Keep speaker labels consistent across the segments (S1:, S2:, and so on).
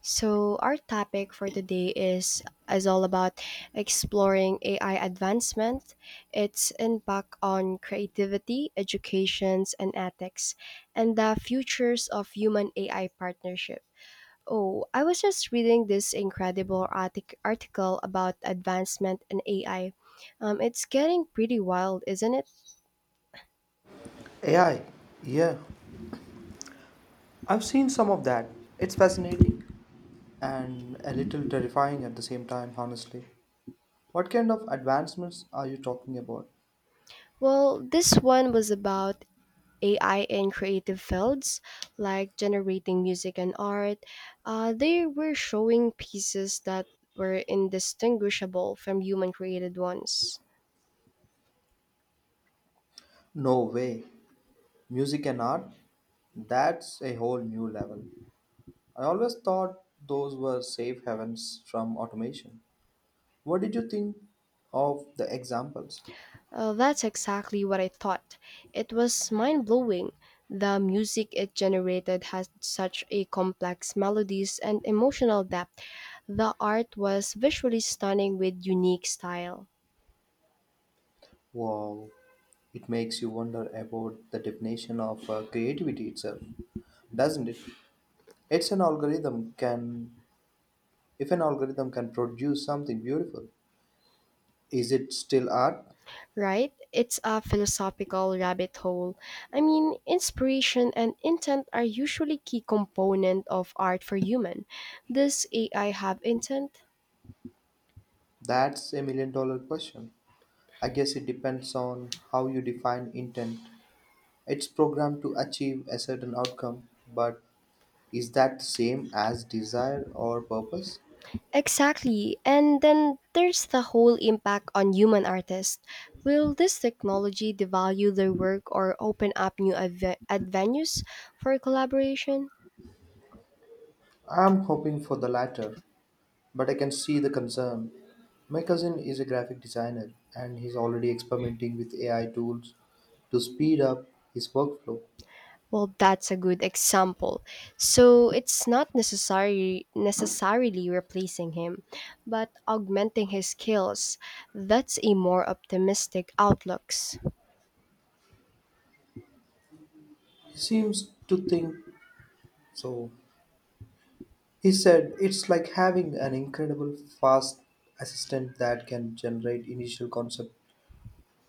S1: So our topic for today is all about exploring AI advancement, its impact on creativity, educations, and ethics, and the futures of human AI partnership. Oh, I was just reading this incredible article about advancement in AI. It's getting pretty wild, isn't it?
S2: AI, yeah, I've seen some of that. It's fascinating and a little terrifying at the same time, honestly. What kind of advancements are you talking about?
S1: Well, this one was about AI in creative fields like generating music and art. They were showing pieces that were indistinguishable from human created ones.
S2: No way. Music and art? That's a whole new level. I always thought those were safe havens from automation. What did you think of the examples?
S1: That's exactly what I thought. It was mind blowing. The music it generated had such a complex melodies and emotional depth. The art was visually stunning with unique style.
S2: Wow, it makes you wonder about the definition of creativity itself, doesn't it? It's an algorithm can If an algorithm can produce something beautiful, is it still art?
S1: Right? It's a philosophical rabbit hole. I mean, inspiration and intent are usually key component of art for human. Does AI have intent?
S2: That's a million dollar question. I guess it depends on how you define intent. It's programmed to achieve a certain outcome, but is that the same as desire or purpose?
S1: Exactly. And then there's the whole impact on human artists. Will this technology devalue their work or open up new avenues for collaboration?
S2: I'm hoping for the latter, but I can see the concern. My cousin is a graphic designer and he's already experimenting with AI tools to speed up his workflow.
S1: Well, that's a good example. So it's not necessary necessarily replacing him, but augmenting his skills. That's a more optimistic outlooks.
S2: He seems to think so. He said, it's like having an incredible fast assistant that can generate initial concepts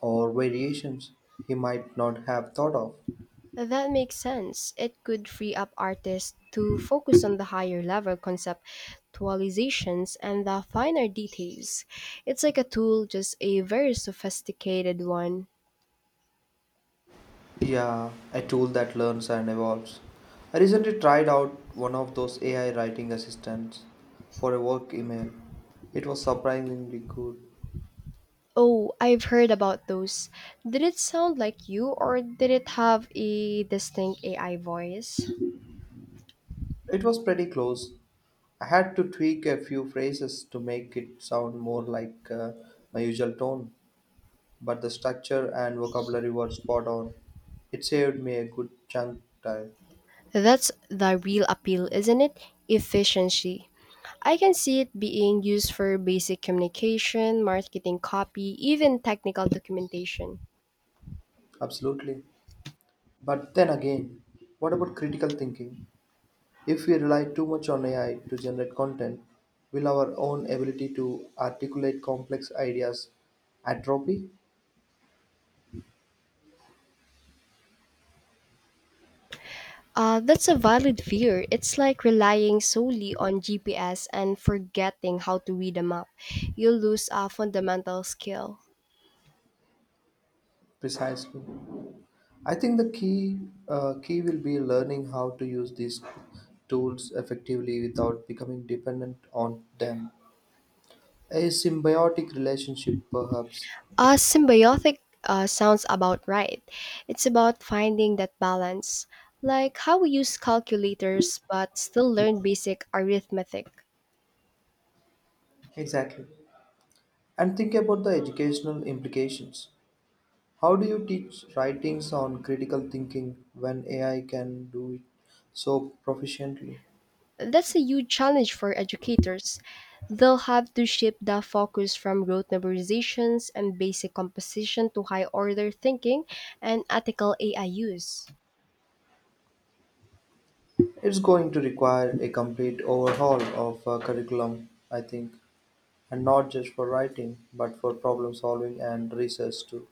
S2: or variations he might not have thought of.
S1: That makes sense. It could free up artists to focus on the higher level conceptualizations and the finer details. It's like a tool, just a very sophisticated one.
S2: Yeah, a tool that learns and evolves. I recently tried out one of those AI writing assistants for a work email. It was surprisingly good.
S1: Oh, I've heard about those. Did it sound like you or did it have a distinct AI voice?
S2: It was pretty close. I had to tweak a few phrases to make it sound more like my usual tone, but the structure and vocabulary were spot on. It saved me a good chunk time.
S1: That's the real appeal, isn't it? Efficiency. I can see it being used for basic communication, marketing copy, even technical documentation.
S2: Absolutely. But then again, what about critical thinking? If we rely too much on AI to generate content, will our own ability to articulate complex ideas atrophy?
S1: That's a valid fear. It's like relying solely on GPS and forgetting how to read a map. You'll lose a fundamental skill.
S2: Precisely. I think the key will be learning how to use these tools effectively without becoming dependent on them. A symbiotic relationship, perhaps.
S1: Symbiotic sounds about right. It's about finding that balance, like how we use calculators but still learn basic arithmetic.
S2: Exactly. And think about the educational implications. How do you teach writings on critical thinking when AI can do it so proficiently?
S1: That's a huge challenge for educators. They'll have to shift the focus from rote memorizations and basic composition to high order thinking and ethical AI use.
S2: It's going to require a complete overhaul of curriculum, I think, and not just for writing, but for problem solving and research too.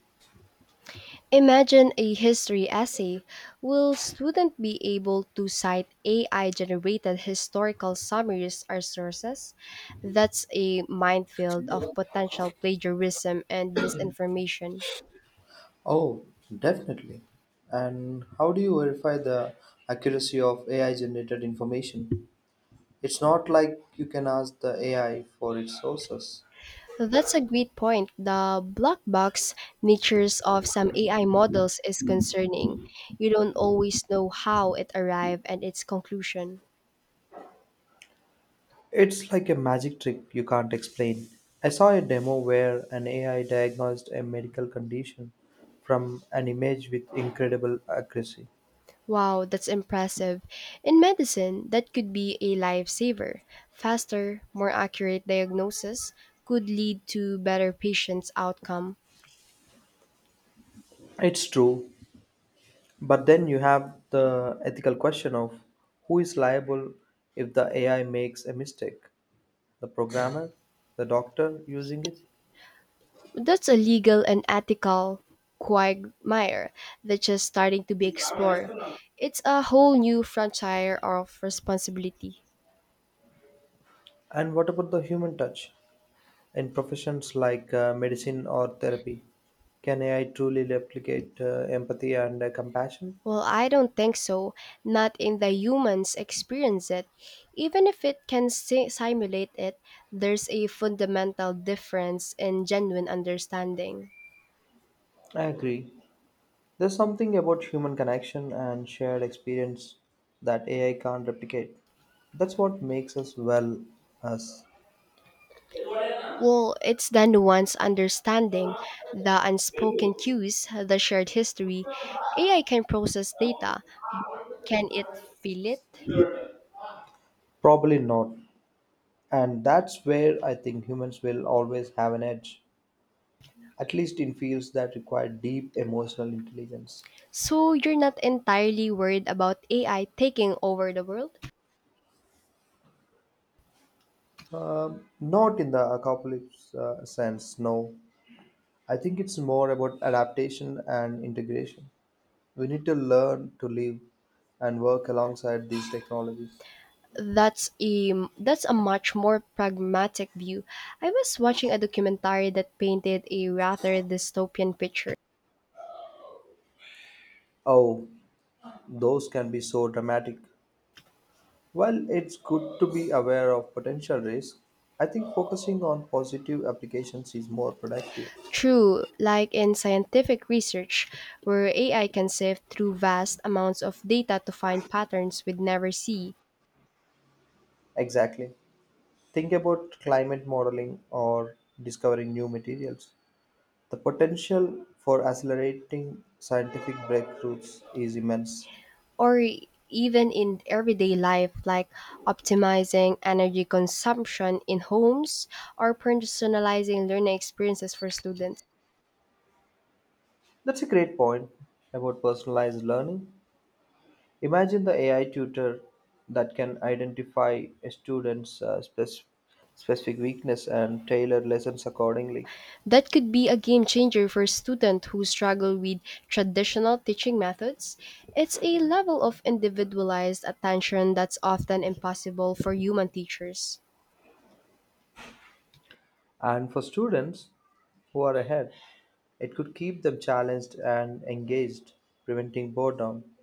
S1: Imagine a history essay. Will students be able to cite AI generated historical summaries or sources? That's a minefield of potential plagiarism and misinformation.
S2: Oh, definitely. And how do you verify the accuracy of AI generated information? It's not like you can ask the AI for its sources.
S1: That's a great point. The black box natures of some AI models is concerning. You don't always know how it arrived at its conclusion.
S2: It's like a magic trick you can't explain. I saw a demo where an AI diagnosed a medical condition from an image with incredible accuracy.
S1: Wow, that's impressive. In medicine, that could be a lifesaver. Faster, more accurate diagnosis could lead to better patients' outcome.
S2: It's true, but then you have the ethical question of who is liable if the AI makes a mistake? The programmer, the doctor using it?
S1: That's a legal and ethical quagmire that's just starting to be explored. It's a whole new frontier of responsibility.
S2: And what about the human touch in professions like medicine or therapy? Can AI truly replicate empathy and compassion?
S1: Well, I don't think so. Not in the humans experience it. Even if it can simulate it, there's a fundamental difference in genuine understanding.
S2: I agree. There's something about human connection and shared experience that AI can't replicate. That's what makes us, well, us.
S1: Well, it's the nuanced understanding, the unspoken cues, the shared history. AI can process data. Can it feel it?
S2: Probably not. And that's where I think humans will always have an edge, at least in fields that require deep emotional intelligence.
S1: So you're not entirely worried about AI taking over the world?
S2: Not in the apocalypse sense, no. I think it's more about adaptation and integration. We need to learn to live and work alongside these technologies.
S1: That's a that's a much more pragmatic view. I was watching a documentary that painted a rather dystopian picture.
S2: Oh, those can be so dramatic. While it's good to be aware of potential risks, I think focusing on positive applications is more productive.
S1: True, like in scientific research, where AI can sift through vast amounts of data to find patterns we'd never see,
S2: Exactly. Think about climate modeling or discovering new materials. The potential for accelerating scientific breakthroughs is immense.
S1: or even in everyday life, like optimizing energy consumption in homes or personalizing learning experiences for students.
S2: That's a great point about personalized learning. Imagine the AI tutor that can identify a student's specific weakness and tailor lessons accordingly.
S1: That could be a game changer for students who struggle with traditional teaching methods. It's a level of individualized attention that's often impossible for human teachers.
S2: And for students who are ahead, it could keep them challenged and engaged, preventing boredom.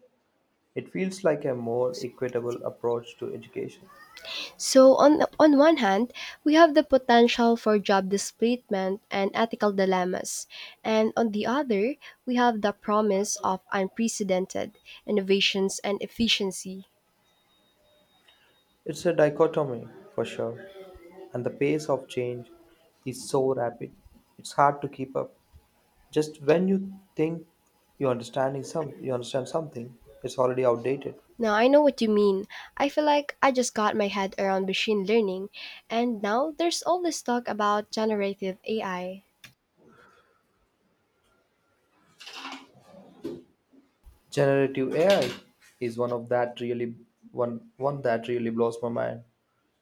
S2: It feels like a more equitable approach to education.
S1: So on one hand, we have the potential for job displacement and ethical dilemmas, and on the other, we have the promise of unprecedented innovations and efficiency.
S2: It's a dichotomy for sure, and the pace of change is so rapid, it's hard to keep up. Just when you think you understand something, it's already outdated.
S1: Now I know what you mean. I feel like I just got my head around machine learning, and now there's all this talk about generative AI.
S2: Generative AI is one of that really one one that really blows my mind.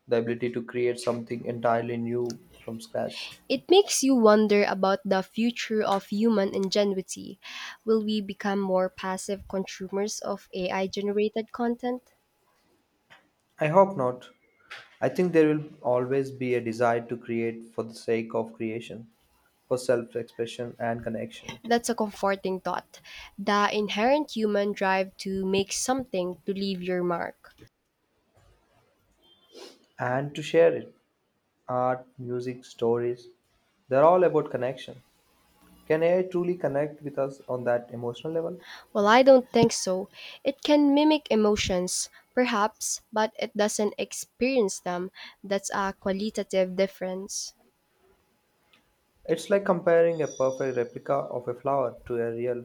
S2: The ability to create something entirely new from scratch.
S1: It makes you wonder about the future of human ingenuity. Will we become more passive consumers of AI generated content?
S2: I hope not. I think there will always be a desire to create for the sake of creation, for self expression and connection,
S1: That's a comforting thought. The inherent human drive to make something to leave your mark.
S2: and to share it. Art, music, stories, they're all about connection. Can AI truly connect with us on that emotional level?
S1: Well, I don't think so. It can mimic emotions, perhaps, but it doesn't experience them. That's a qualitative difference.
S2: It's like comparing a perfect replica of a flower to a real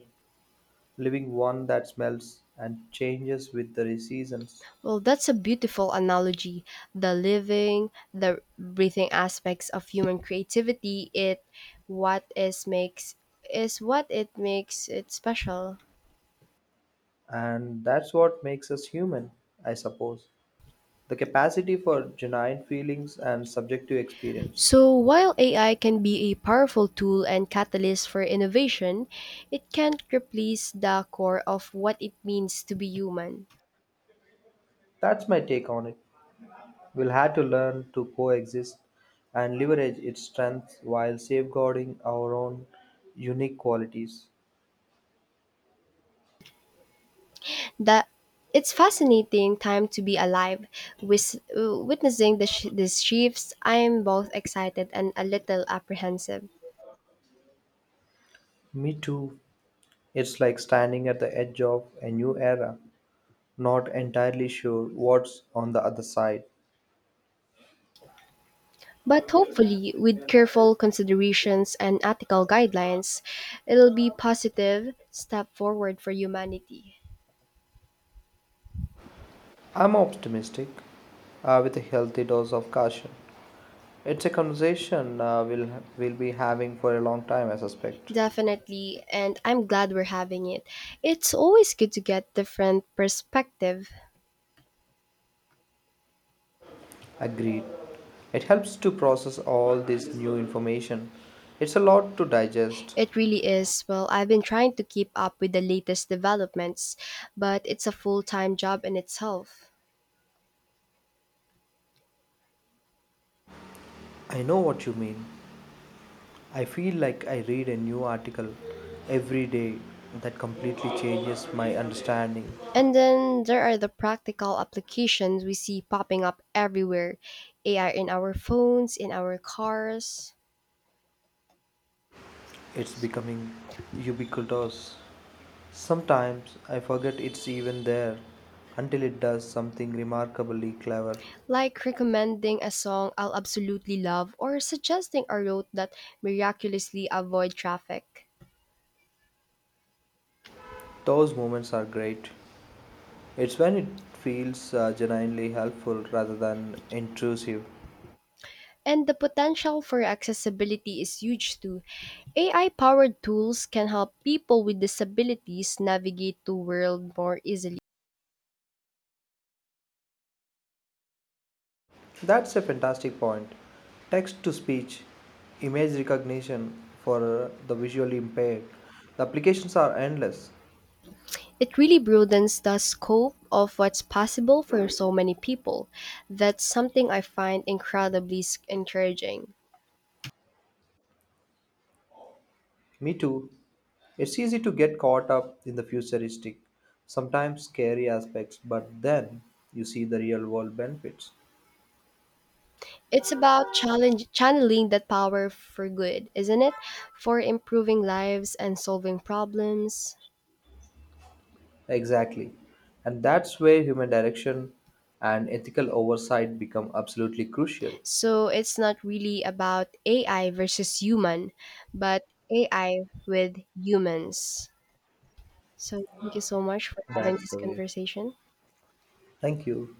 S2: living one that smells and changes with the seasons.
S1: Well, that's a beautiful analogy. The living, the breathing aspects of human creativity, it what is makes is what it makes it special.
S2: And that's what makes us human, I suppose. The capacity for genuine feelings and subjective experience.
S1: So, while AI can be a powerful tool and catalyst for innovation, it can't replace the core of what it means to be human.
S2: That's my take on it. We'll have to learn to coexist and leverage its strengths while safeguarding our own unique qualities.
S1: That It's fascinating time to be alive with witnessing these shifts. I'm both excited and a little apprehensive,
S2: Me too. It's like standing at the edge of a new era, not entirely sure what's on the other side.
S1: but hopefully with careful considerations and ethical guidelines it'll be positive step forward for humanity.
S2: I'm optimistic, with a healthy dose of caution. It's a conversation we'll be having for a long time, I suspect.
S1: Definitely, and I'm glad we're having it. It's always good to get different perspective.
S2: Agreed. It helps to process all this new information. It's a lot to digest.
S1: It really is. Well, I've been trying to keep up with the latest developments, but it's a full time job in itself.
S2: I know what you mean. I feel like I read a new article every day that completely changes my understanding.
S1: And then there are the practical applications we see popping up everywhere, AI in our phones, in our cars,
S2: It's becoming ubiquitous. Sometimes I forget it's even there until it does something remarkably clever.
S1: like recommending a song I'll absolutely love or suggesting a route that miraculously avoid traffic.
S2: Those moments are great. It's when it feels genuinely helpful rather than intrusive.
S1: And the potential for accessibility is huge too. AI-powered tools can help people with disabilities navigate the world more easily.
S2: That's a fantastic point. Text to speech, image recognition for the visually impaired. The applications are endless.
S1: It really broadens the scope of what's possible for so many people. That's something I find incredibly encouraging.
S2: Me too. It's easy to get caught up in the futuristic, sometimes scary aspects, but then you see the real world benefits.
S1: It's about challenge, channeling that power for good, isn't it? For improving lives and solving problems.
S2: Exactly. And that's where human direction and ethical oversight become absolutely crucial.
S1: So it's not really about AI versus human, but AI with humans. So thank you so much for having
S2: That's
S1: this
S2: the way.
S1: conversation.
S2: Thank you.